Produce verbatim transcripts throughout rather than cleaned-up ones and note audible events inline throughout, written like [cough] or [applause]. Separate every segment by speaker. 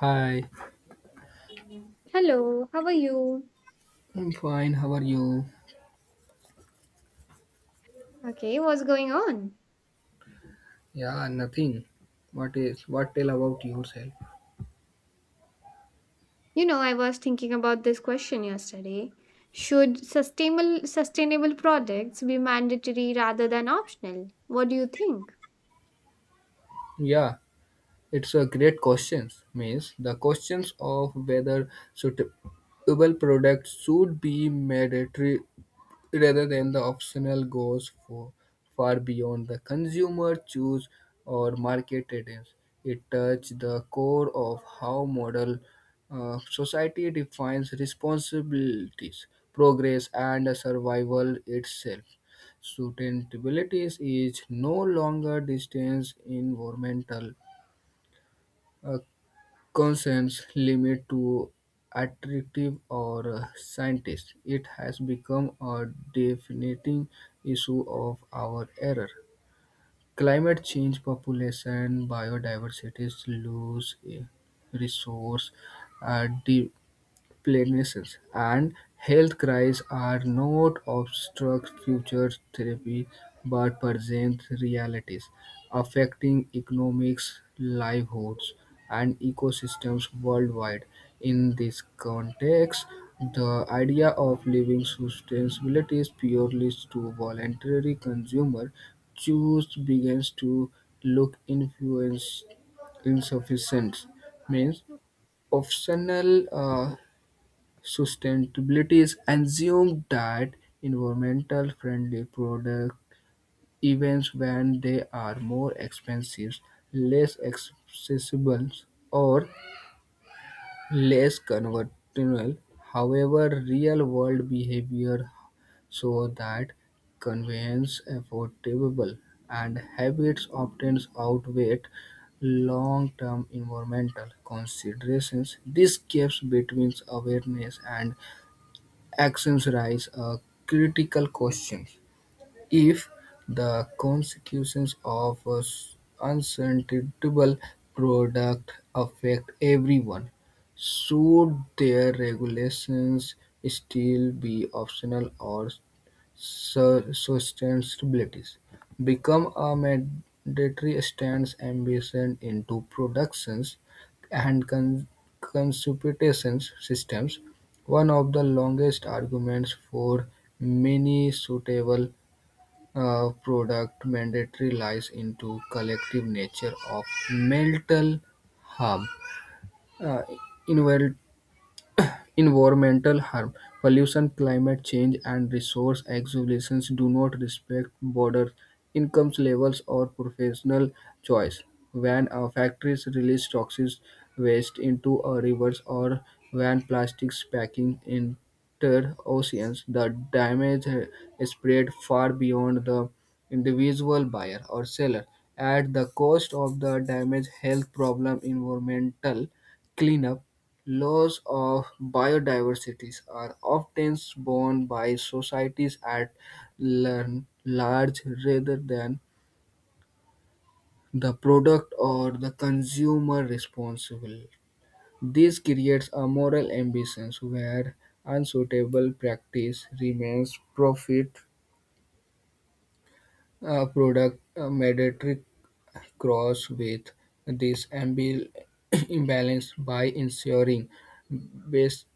Speaker 1: Hi,
Speaker 2: Hello, how are you?
Speaker 1: I'm fine. How are you?
Speaker 2: Okay, what's going on?
Speaker 1: Yeah, nothing. What is what tell about yourself?
Speaker 2: You know, I was thinking about this question yesterday. Should sustainable sustainable products be mandatory rather than optional? What do you think?
Speaker 1: Yeah, it's a great questions. Means the questions of whether suitable products should be mandatory rather than the optional goes for far beyond the consumer choose or market trends. It touches the core of how modern uh, society defines responsibilities, progress, and survival itself. Sustainability is no longer distance environmental uh, concerns limit to attractive or uh, scientists. It has become a defining issue of our era. Climate change, population, biodiversity, loss, eh, resource uh, di- plagues and health crises are not abstract future therapy, but present realities affecting economics, livelihoods, and ecosystems worldwide. In this context, the idea of living sustainability is purely to voluntary consumer choose begins to look influence insufficient means optional. Uh, Sustainability is assumed that environmental friendly products, even when they are more expensive, less accessible, or less conventional. However, real world behavior show that convenience, affordable, and habits often outweigh long-term environmental considerations. This gap between awareness and actions raise a critical question: if the consequences of an unsustainable product affect everyone, should their regulations still be optional or sustainability become a mandatory stance embedded into productions and consumption systems? One of the longest arguments for many suitable uh, product mandatory lies into collective nature of mental harm. uh, Environmental harm, pollution, climate change, and resource exhaustion do not respect borders, income levels, or professional choice. When uh, factories release toxic waste into uh, rivers or when plastics packing enter oceans, the damage uh, spread far beyond the individual buyer or seller. At the cost of the damage, health problem, environmental cleanup, loss of biodiversity are often borne by societies at l- large rather than the product or the consumer responsible. This creates a moral ambition where unsuitable practice remains profit uh, product uh, metric cross with this ambil- [clears throat] imbalance by ensuring best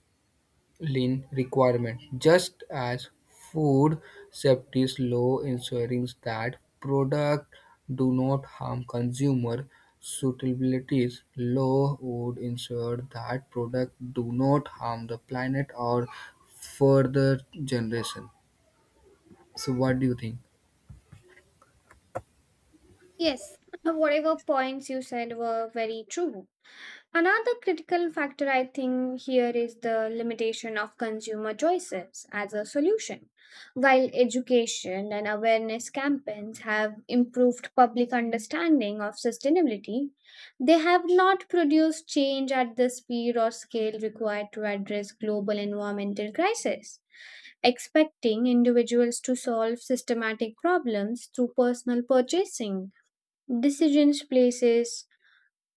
Speaker 1: lean requirement, just as food safety law ensuring that product do not harm consumer. Suitabilities law would ensure that product do not harm the planet or further generation. So, what do you think?
Speaker 2: Yes, [laughs] whatever points you said were very true. Another critical factor I think here is the limitation of consumer choices as a solution. While education and awareness campaigns have improved public understanding of sustainability, they have not produced change at the speed or scale required to address global environmental crisis. Expecting individuals to solve systematic problems through personal purchasing decisions places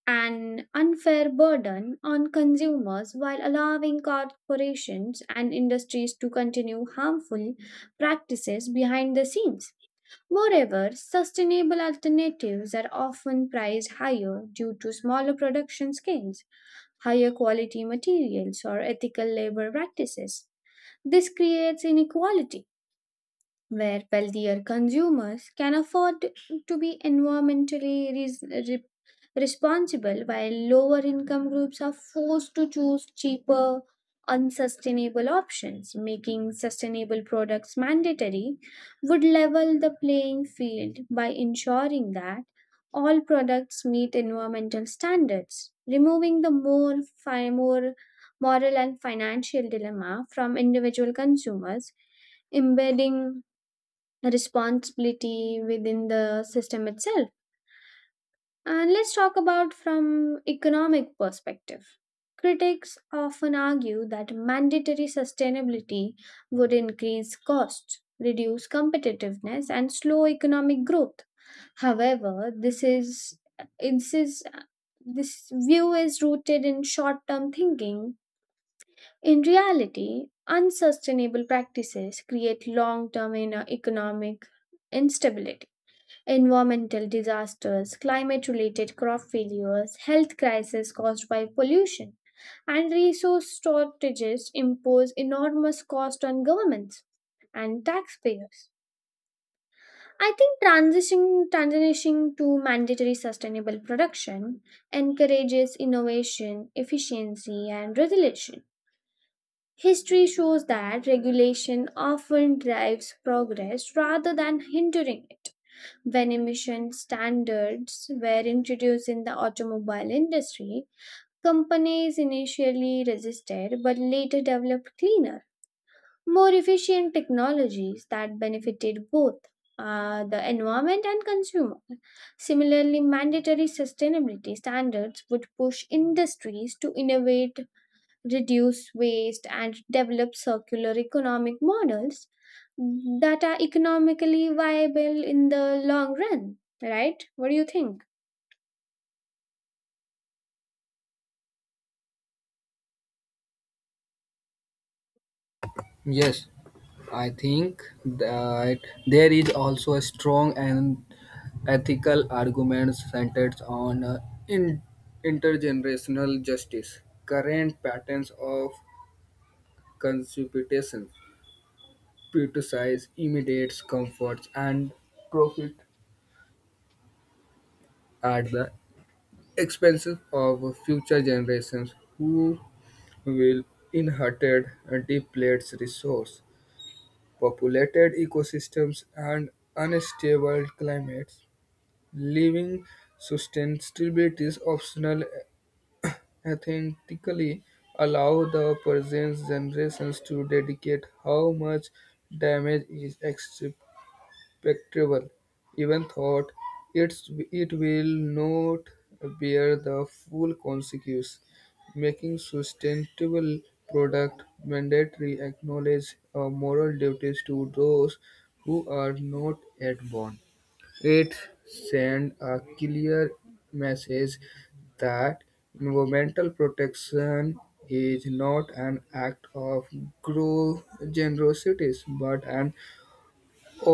Speaker 2: an unfair burden on consumers while allowing corporations and industries to continue harmful practices behind the scenes. Moreover, sustainable alternatives are often priced higher due to smaller production scales, higher quality materials, or ethical labor practices. This creates inequality, where wealthier consumers can afford to be environmentally res- responsible, while lower income groups are forced to choose cheaper, unsustainable options. Making sustainable products mandatory would level the playing field by ensuring that all products meet environmental standards, removing the more, fi- more moral and financial dilemma from individual consumers, embedding responsibility within the system itself. And let's talk about from economic perspective. Critics often argue that mandatory sustainability would increase costs, reduce competitiveness and slow economic growth. However, this is this is this view is rooted in short-term thinking. In reality, unsustainable practices create long-term in- uh, economic instability, environmental disasters, climate related crop failures, health crises caused by pollution, and resource shortages impose enormous cost on governments and taxpayers. I think transitioning, transitioning to mandatory sustainable production encourages innovation, efficiency, and resilience. History shows that regulation often drives progress rather than hindering it when emission standards were introduced in the automobile industry, companies initially resisted but later developed cleaner, more efficient technologies that benefited both uh, the environment and consumer. Similarly, mandatory sustainability standards would push industries to innovate, reduce waste, and develop circular economic models that are economically viable in the long run, right? What do you think?
Speaker 1: Yes, I think that there is also a strong and ethical argument centered on uh, in- intergenerational justice. Current patterns of consumption prioritize immediate comforts and profit at the expense of future generations who will inherit depleted resource, populated ecosystems, and unstable climates. Living sustainability is optional ethically allow the present generations to dedicate how much damage is spectral even thought it's, it will not bear the full consequence. Making sustainable product mandatory acknowledge a moral duties to those who are not yet born. It sends a clear message that environmental protection is not an act of gro- generosity but an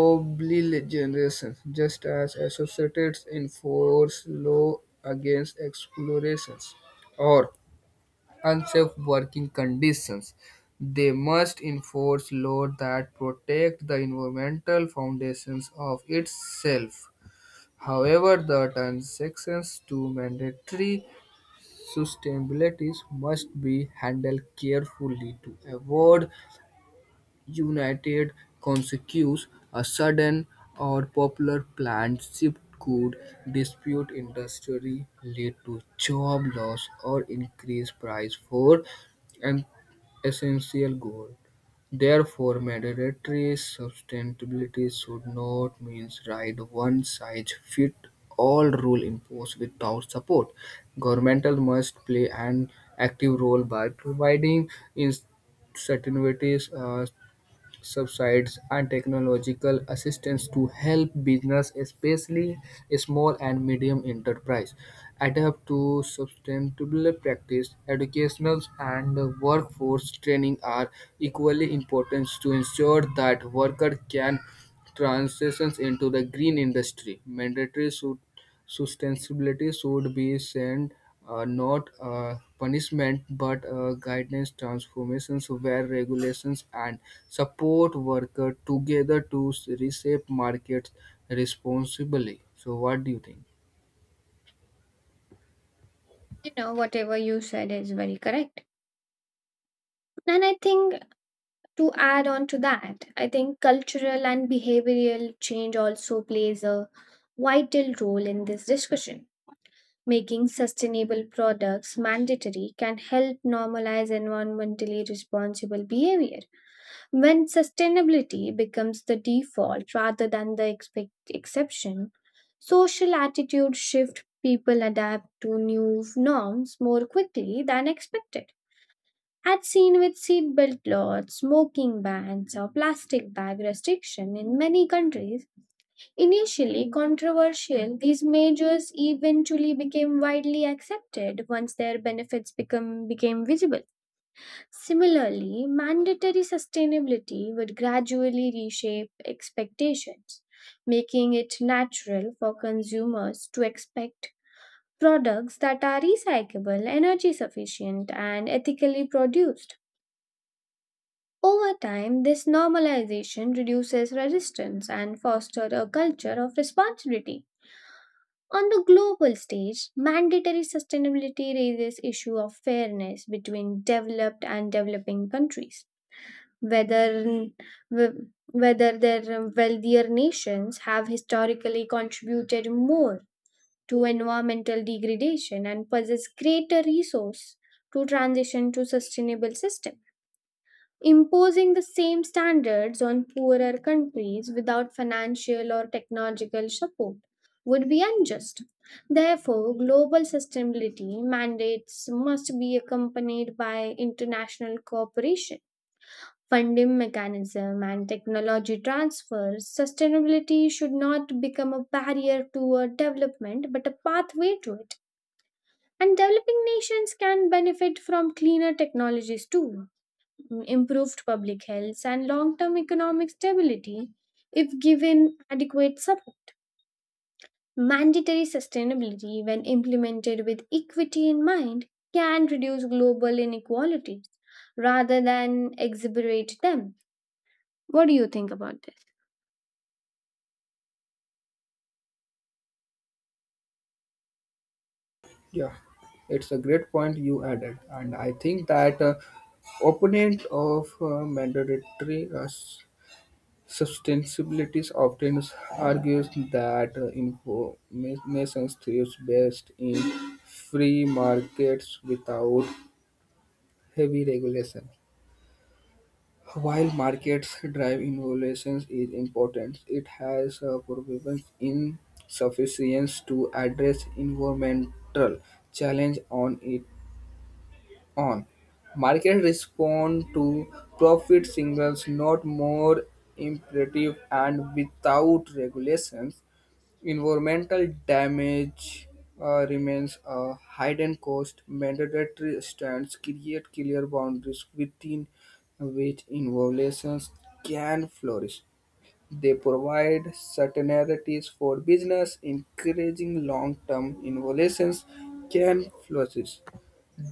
Speaker 1: obli generation. Just as associates enforce law against explorations or unsafe working conditions, they must enforce law that protect the environmental foundations of itself. However, the transactions to mandatory sustainabilities must be handled carefully to avoid united consequence. A sudden or popular planned shift could dispute industry, lead to job loss, or increase price for an essential good. Therefore, mandatory sustainability should not mean right one size fit all rule imposed without support. Governmental must play an active role by providing incentives, subsidies and technological assistance to help business, especially small and medium enterprise, adapt to sustainable practice. Educational and workforce training are equally important to ensure that workers can transition into the green industry. Mandatory should Sustainability should be sent, uh, not uh, punishment but uh, guidance transformations where regulations and support worker together to reshape markets responsibly. So what do you think?
Speaker 2: You know, whatever you said is very correct. And I think, to add on to that, I think cultural and behavioral change also plays a vital role in this discussion. Making sustainable products mandatory can help normalize environmentally responsible behavior. When sustainability becomes the default rather than the expect- exception, social attitude shift people adapt to new norms more quickly than expected. As seen with seatbelt laws, smoking bans, or plastic bag restriction in many countries, initially controversial, these measures eventually became widely accepted once their benefits become, became visible. Similarly, mandatory sustainability would gradually reshape expectations, making it natural for consumers to expect products that are recyclable, energy sufficient, and ethically produced. Over time, this normalization reduces resistance and fosters a culture of responsibility. On the global stage, mandatory sustainability raises issue of fairness between developed and developing countries, whether wh- whether their wealthier nations have historically contributed more to environmental degradation and possess greater resource to transition to sustainable system. Imposing the same standards on poorer countries without financial or technological support would be unjust. Therefore, global sustainability mandates must be accompanied by international cooperation, funding mechanism and technology transfer. Sustainability should not become a barrier to a development but a pathway to it. And developing nations can benefit from cleaner technologies too, improved public health, and long term economic stability if given adequate support. Mandatory sustainability, when implemented with equity in mind, can reduce global inequalities rather than exacerbate them. What do you think about this?
Speaker 1: Yeah, it's a great point you added, and I think that uh, opponent of uh, mandatory uh, sustainability often argues that information thrives best in free markets without heavy regulation. While markets drive innovations is important, it has a proven insufficient to address environmental challenge on its own. Markets respond to profit signals, not more imperative, and without regulations environmental damage uh, remains a hidden cost. Mandatory standards create clear boundaries within which innovations can flourish. They provide certainties for business, encouraging long-term innovations can flourish.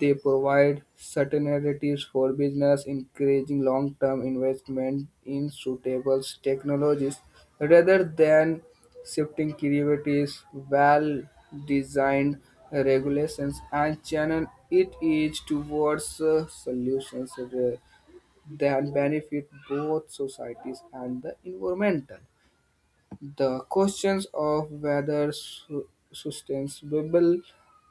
Speaker 1: They provide certainties for business, encouraging long-term investment in suitable technologies rather than shifting creativities. Well-designed regulations, and channel it is towards uh, solutions uh, that benefit both societies and the environment. The questions of whether su- sustainable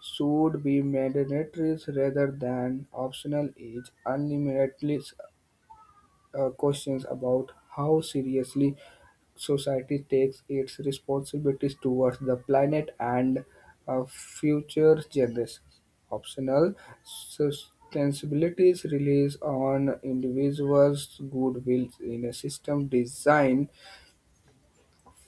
Speaker 1: should be mandatory rather than optional is ultimately uh, questions about how seriously society takes its responsibilities towards the planet and uh, future generations. Optional sustainabilities relies on individuals' goodwill in a system designed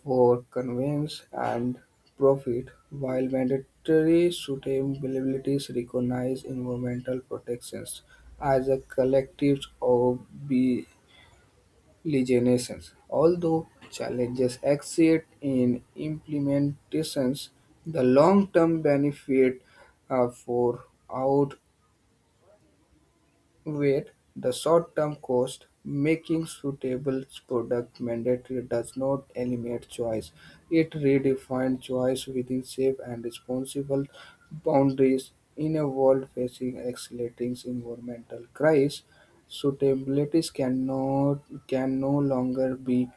Speaker 1: for convenience and profit, while mandatory sustainabilities recognize environmental protections as a collective ob- legislations. Although challenges exist in implementations, the long-term benefit uh, for out where the short-term cost, making suitable product mandatory does not eliminate choice. It redefines choice within safe and responsible boundaries in a world facing accelerating environmental crisis. Suitabilities cannot can no longer be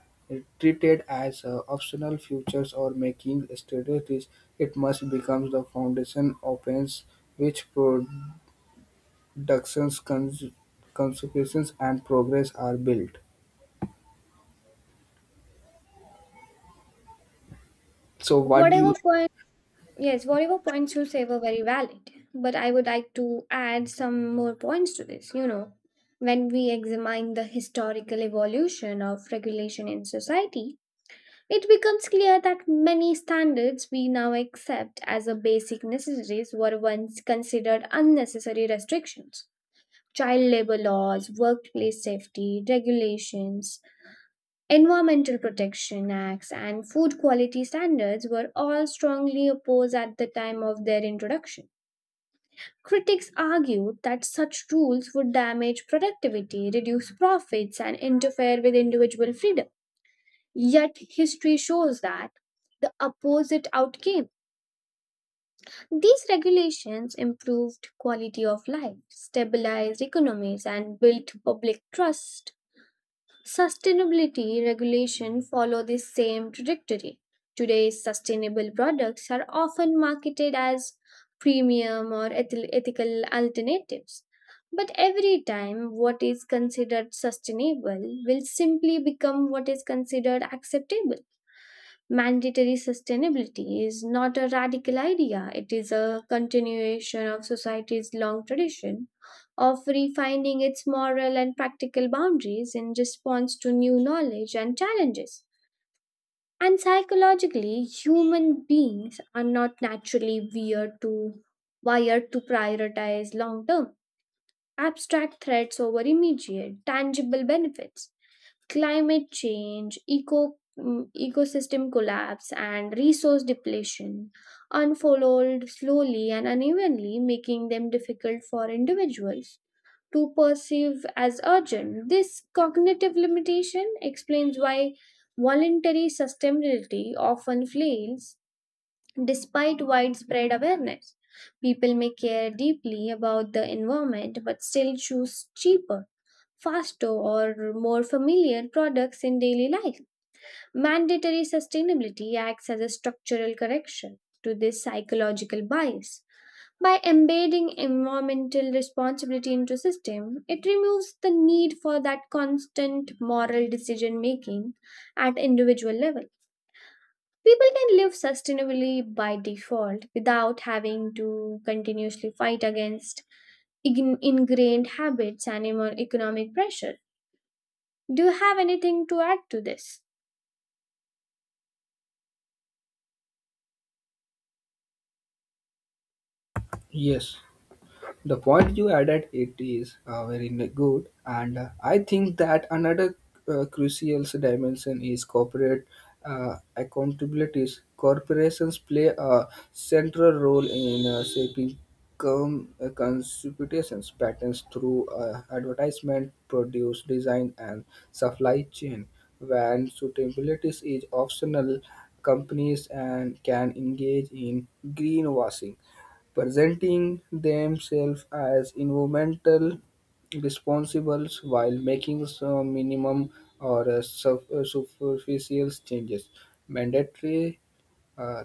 Speaker 1: treated as uh, optional features or making strategies. It must become the foundation opens which Ductions, cons- consequences, and progress are built. So, what do you?
Speaker 2: Whatever point, yes, whatever points you say were very valid, but I would like to add some more points to this. You know, when we examine the historical evolution of regulation in society, it becomes clear that many standards we now accept as a basic necessities were once considered unnecessary restrictions. Child labor laws, workplace safety regulations, environmental protection acts and food quality standards were all strongly opposed at the time of their introduction. Critics argued that such rules would damage productivity, reduce profits, and interfere with individual freedom. Yet, history shows that the opposite outcame. These regulations improved quality of life, stabilized economies, and built public trust. Sustainability regulation follow the same trajectory. Today's sustainable products are often marketed as premium or eth- ethical alternatives. But every time what is considered sustainable will simply become what is considered acceptable. Mandatory sustainability is not a radical idea, it is a continuation of society's long tradition of refining its moral and practical boundaries in response to new knowledge and challenges. And psychologically, human beings are not naturally wired to, wired to prioritize long term, abstract threats over immediate, tangible benefits. Climate change, eco, mm, ecosystem collapse, and resource depletion unfold slowly and unevenly, making them difficult for individuals to perceive as urgent. This cognitive limitation explains why voluntary sustainability often fails despite widespread awareness. People may care deeply about the environment but still choose cheaper, faster or more familiar products in daily life. Mandatory sustainability acts as a structural correction to this psychological bias. By embedding environmental responsibility into system, it removes the need for that constant moral decision making at individual level. People can live sustainably by default without having to continuously fight against ign- ingrained habits and emo- economic pressure. Do you have anything to add to this?
Speaker 1: Yes, the point you added it is uh, very n- good, and uh, I think that another uh, crucial dimension is corporate uh, accountabilities. Corporations play a central role in uh, shaping com- uh, contributions patterns through uh, advertisement produce design and supply chain. When suitabilities is optional, companies and can engage in greenwashing, presenting themselves as environmental responsibles while making some minimum or uh, suf- uh, superficial changes. Mandatory uh,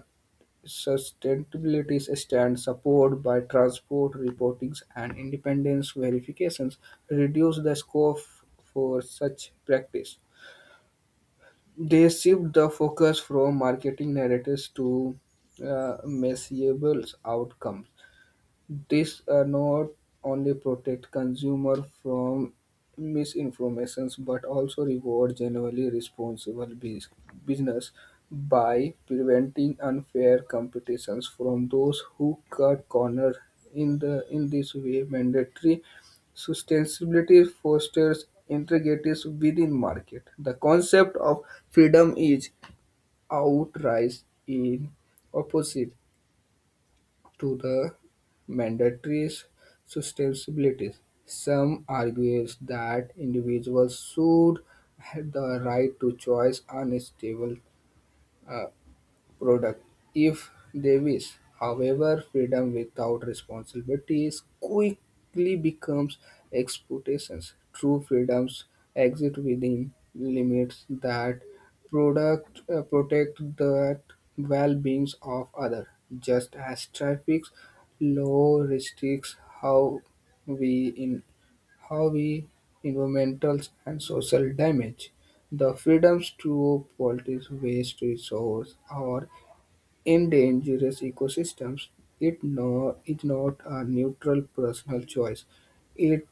Speaker 1: sustainability stands supported by transport reportings and independence verifications reduce the scope for such practice. They shift the focus from marketing narratives to uh, measurable outcomes. This uh, not only protect consumer from misinformations but also reward generally responsible bus- business by preventing unfair competitions from those who cut corners. In the in this way, mandatory sustainability fosters integrities within market. The concept of freedom is outright in opposite to the mandatory sustainability. Some argue that individuals should have the right to choose unstable uh, product if they wish. However, freedom without responsibility is quickly becomes exploitations. True freedoms exist within limits that product uh, protect the well-beings of others. Just as traffic law restricts how we in how we environmental and social damage. The freedoms to police waste resource or in dangerous ecosystems, it no, is not a neutral personal choice. It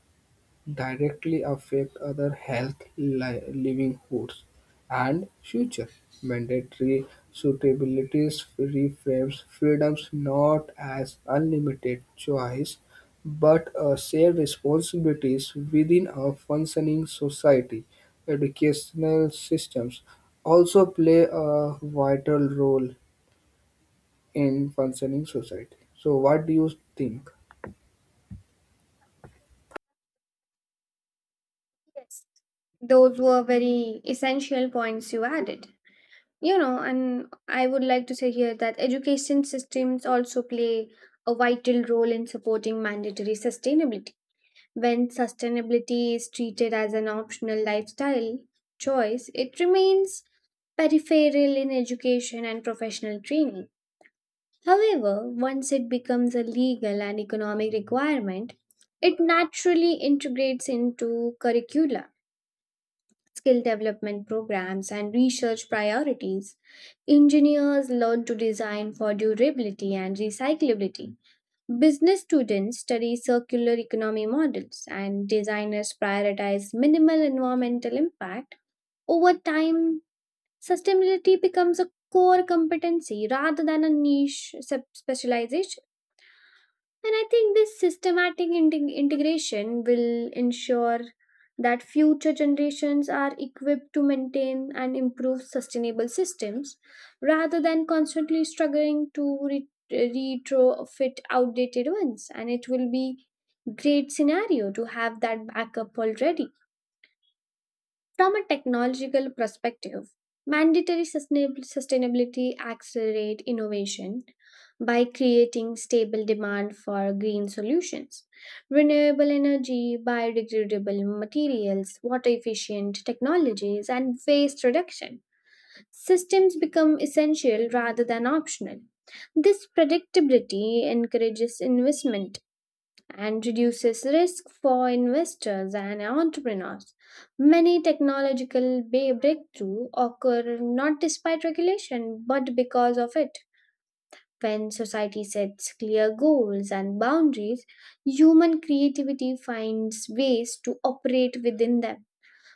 Speaker 1: directly affects other health, li- livelihoods, and future. Mandatory suitabilities reframes freedoms not as unlimited choice, but as shared responsibilities within a functioning society. Educational systems also play a vital role in functioning society. So what do you think?
Speaker 2: Yes, those were very essential points you added. You know, and I would like to say here that education systems also play a vital role in supporting mandatory sustainability. When sustainability is treated as an optional lifestyle choice, it remains peripheral in education and professional training. However, once it becomes a legal and economic requirement, it naturally integrates into curricula, skill development programs, and research priorities. Engineers learn to design for durability and recyclability. Business students study circular economy models, and designers prioritize minimal environmental impact. Over time, sustainability becomes a core competency rather than a niche sub- specialization. And I think this systematic integ- integration will ensure that future generations are equipped to maintain and improve sustainable systems rather than constantly struggling to re- retrofit outdated ones. And it will be great scenario to have that backup already. From a technological perspective, mandatory sustainab- sustainability accelerate innovation by creating stable demand for green solutions. Renewable energy, biodegradable materials, water efficient technologies, and waste reduction. Systems become essential rather than optional. This predictability encourages investment and reduces risk for investors and entrepreneurs. Many technological ba- breakthroughs occur not despite regulation but because of it. When society sets clear goals and boundaries, human creativity finds ways to operate within them.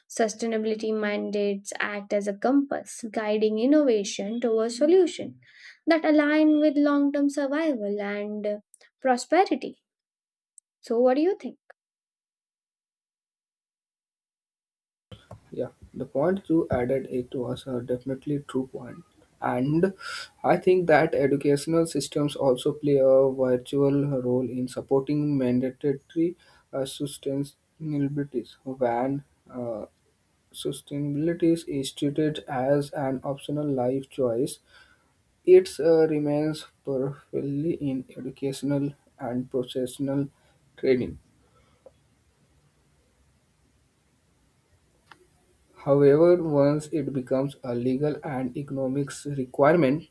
Speaker 2: Sustainability mandates act as a compass, guiding innovation towards solutions that align with long term survival and uh, prosperity. So, what do you think?
Speaker 1: Yeah, the point you added it was a definitely true point. And I think that educational systems also play a virtual role in supporting mandatory uh, sustainabilities when uh, sustainability is treated as an optional life choice. It uh, remains powerfully in educational and professional training. However, once it becomes a legal and economics requirement,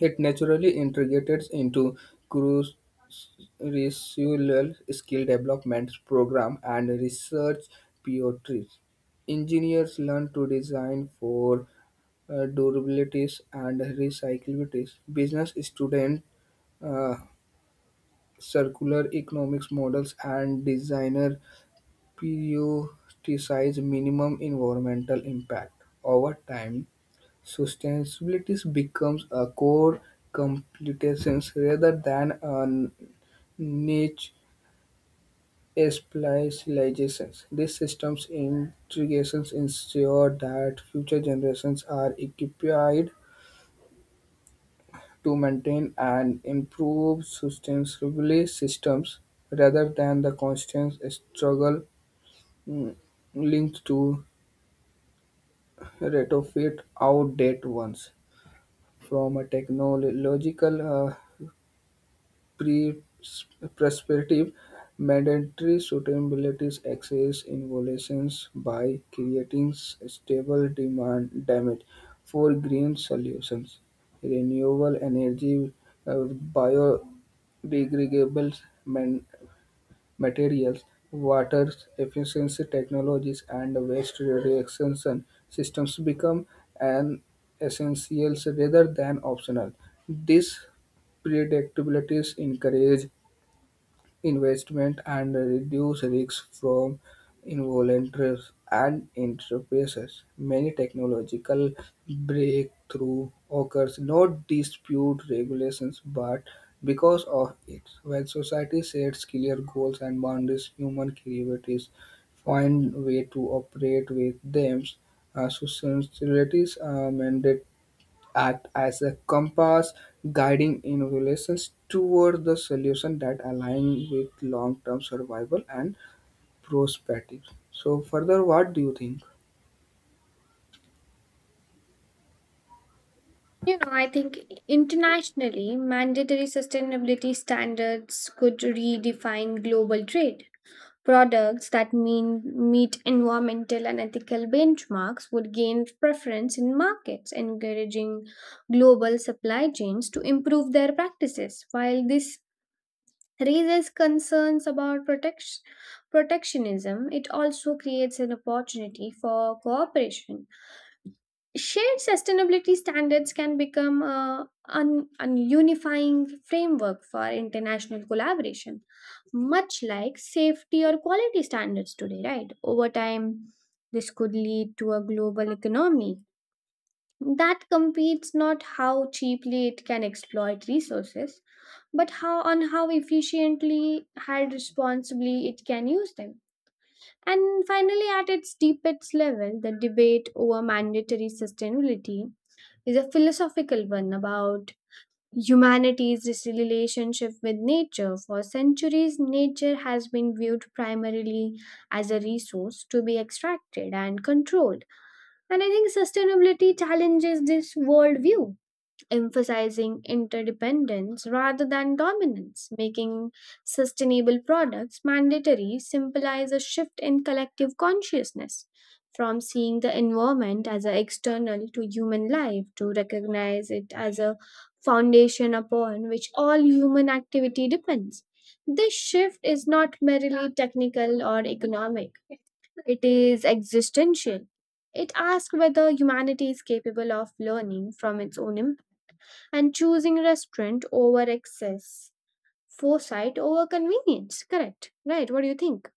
Speaker 1: it naturally integrates into crucial skill development program and research priorities. Engineers learn to design for uh, durabilities and recyclabilities. Business students uh, circular economics models and designer prioritize minimum environmental impact. Over time, sustainability becomes a core competence rather than a niche specialization. These systems integrations ensure that future generations are equipped to maintain and improve sustainable systems rather than the constant struggle mm, linked to retrofit outdated ones. From a technological uh, pre- prospective, mandatory suitability access evaluations by creating s- stable demand damage for green solutions, renewable energy, uh, biodegradable man- materials, water efficiency technologies, and waste reduction systems become an essentials rather than optional. These predictabilities encourage investment and reduce risks from involuntary and enterprises. Many technological breakthrough occurs not dispute regulations but because of it. When society sets clear goals and boundaries, human creativities find way to operate with them. Uh, societies are mandated act as a compass guiding innovations toward the solution that align with long-term survival and prosperity. So further, what do you think?
Speaker 2: You know, I think internationally, mandatory sustainability standards could redefine global trade. Products that mean meet environmental and ethical benchmarks would gain preference in markets, encouraging global supply chains to improve their practices. While this raises concerns about protect- protectionism, it also creates an opportunity for cooperation. Shared sustainability standards can become a, un, un unifying framework for international collaboration, much like safety or quality standards today, right? Over time, this could lead to a global economy that competes not how cheaply it can exploit resources, but how on how efficiently and responsibly it can use them. And finally, at its deepest level, the debate over mandatory sustainability is a philosophical one about humanity's relationship with nature. For centuries, nature has been viewed primarily as a resource to be extracted and controlled. And I think sustainability challenges this worldview, emphasizing interdependence rather than dominance, making sustainable products mandatory symbolize a shift in collective consciousness from seeing the environment as an external to human life to recognize it as a foundation upon which all human activity depends. This shift is not merely technical or economic, it is existential. It asks whether humanity is capable of learning from its own and choosing restaurant over excess, foresight over convenience. Correct, right? What do you think?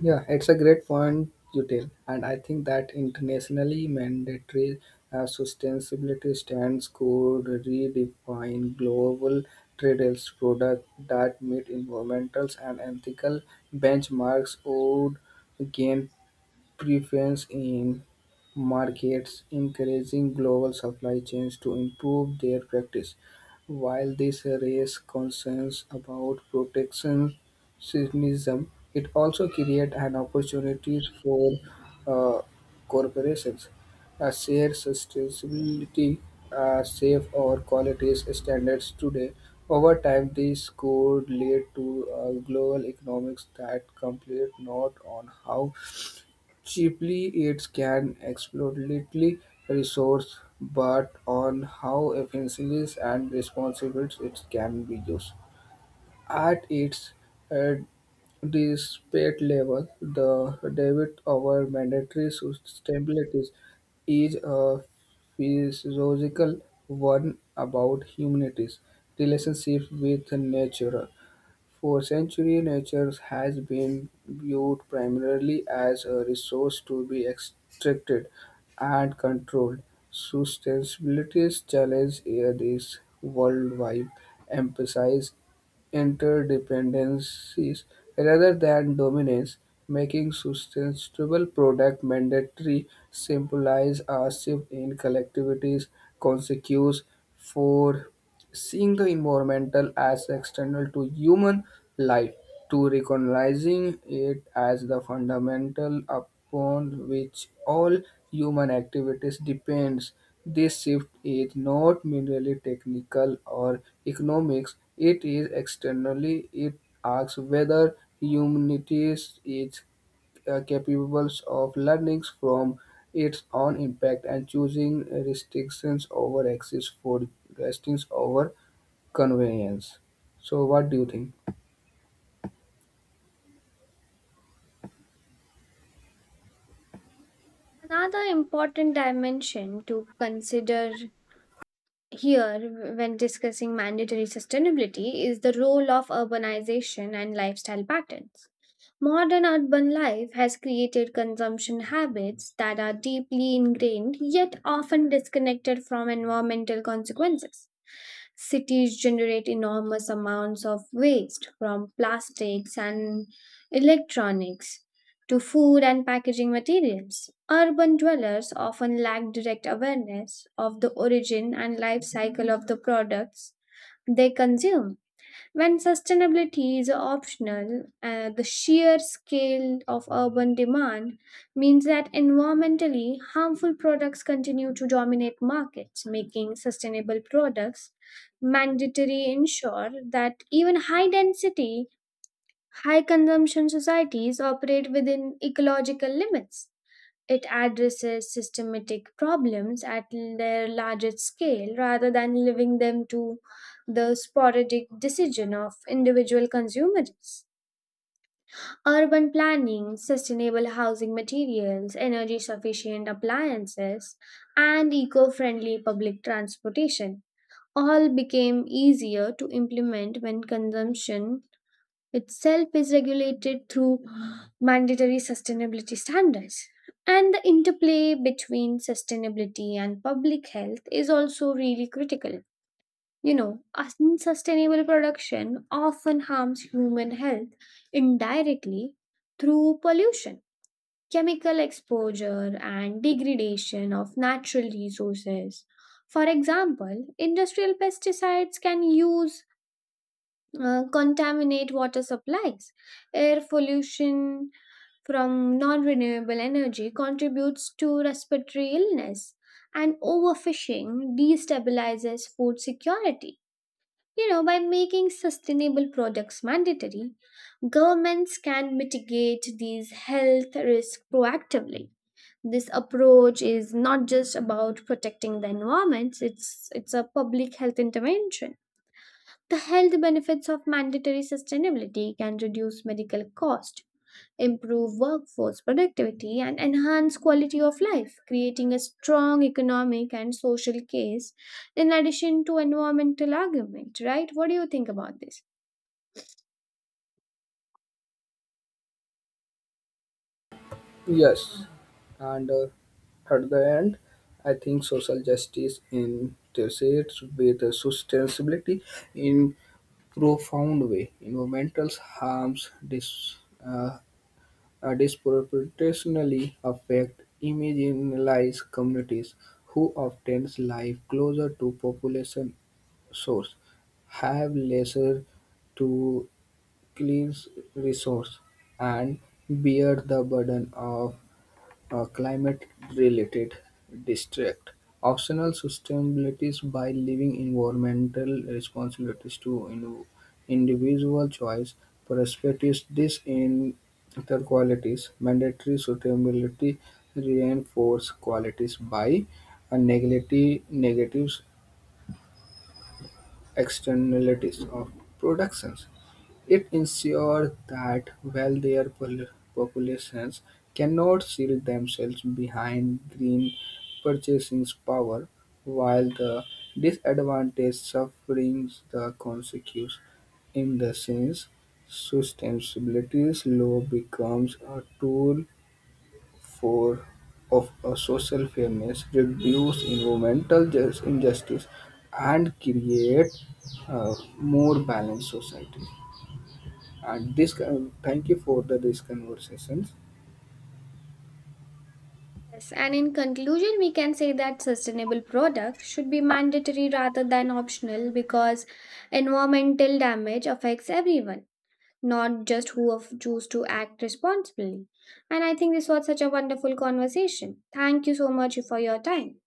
Speaker 1: Yeah, it's a great point you tell, and I think that internationally mandatory uh, sustainability stands could redefine global trade. Products that meet environmental and ethical benchmarks would gain preference in markets, encouraging global supply chains to improve their practice. While this raises concerns about protectionism, it also creates an opportunity for uh, corporations. A shared sustainability, uh, safe or quality standards today. Over time, this could lead to a global economics that complete not on how cheaply it can exploitly resource, but on how efficiently and responsibly it can be used. At its uh, despite level, the debit over mandatory sustainability is a physiological one about humanity's relationship with nature. For centuries, nature has been viewed primarily as a resource to be extracted and controlled. Sustainability's challenge here is worldwide, emphasize interdependencies rather than dominance, making sustainable product mandatory symbolize a shift in collectivities' consequence for seeing the environmental as external to human life to recognizing it as the fundamental upon which all human activities depends. This shift is not merely technical or economics, it is externally. It asks whether humanity is uh, capable of learning from its own impact and choosing restrictions over access for restrictions over convenience. So, what do you think?
Speaker 2: Another important dimension to consider here when discussing mandatory sustainability is the role of urbanization and lifestyle patterns. Modern urban life has created consumption habits that are deeply ingrained yet often disconnected from environmental consequences. Cities generate enormous amounts of waste from plastics and electronics to food and packaging materials. Urban dwellers often lack direct awareness of the origin and life cycle of the products they consume. When sustainability is optional, uh, the sheer scale of urban demand means that environmentally harmful products continue to dominate markets, making sustainable products mandatory ensure that even high density, high consumption societies operate within ecological limits. It addresses systematic problems at their largest scale rather than leaving them to the sporadic decision of individual consumers. Urban planning, sustainable housing materials, energy sufficient appliances, and eco friendly public transportation all became easier to implement when consumption itself is regulated through mandatory sustainability standards. And the interplay between sustainability and public health is also really critical. You know, unsustainable production often harms human health indirectly through pollution, chemical exposure, and degradation of natural resources. For example, industrial pesticides can use uh, contaminate water supplies. Air pollution from non renewable energy contributes to respiratory illness, and overfishing destabilizes food security. You know, by making sustainable products mandatory, governments can mitigate these health risks proactively. This approach is not just about protecting the environment, it's, it's a public health intervention. The health benefits of mandatory sustainability can reduce medical cost, improve workforce productivity and enhance quality of life, creating a strong economic and social case in addition to environmental argument, right? What do you think about this?
Speaker 1: Yes, and uh, at the end, I think social justice intersects with the sustainability in profound way. Environmental harms dis, uh, uh, disproportionately affect marginalized communities who often live closer to population source, have lesser to clean resource, and bear the burden of uh, climate-related district. Optional sustainabilities by leaving environmental responsibilities to in- individual choice, perspectives, this in other qualities, mandatory sustainability reinforce qualities by uh, negati- negatives externalities of productions. It ensures that wealthier pol- populations cannot shield themselves behind green purchasing power, while the disadvantaged suffers the consequences. In the sense, sustainability law becomes a tool for of a social fairness, reduce environmental jus- injustice, and create a more balanced society. And this uh, thank you for the, this conversations.
Speaker 2: Yes, and in conclusion, we can say that sustainable products should be mandatory rather than optional because environmental damage affects everyone, not just who of- choose to act responsibly. And I think this was such a wonderful conversation. Thank you so much for your time.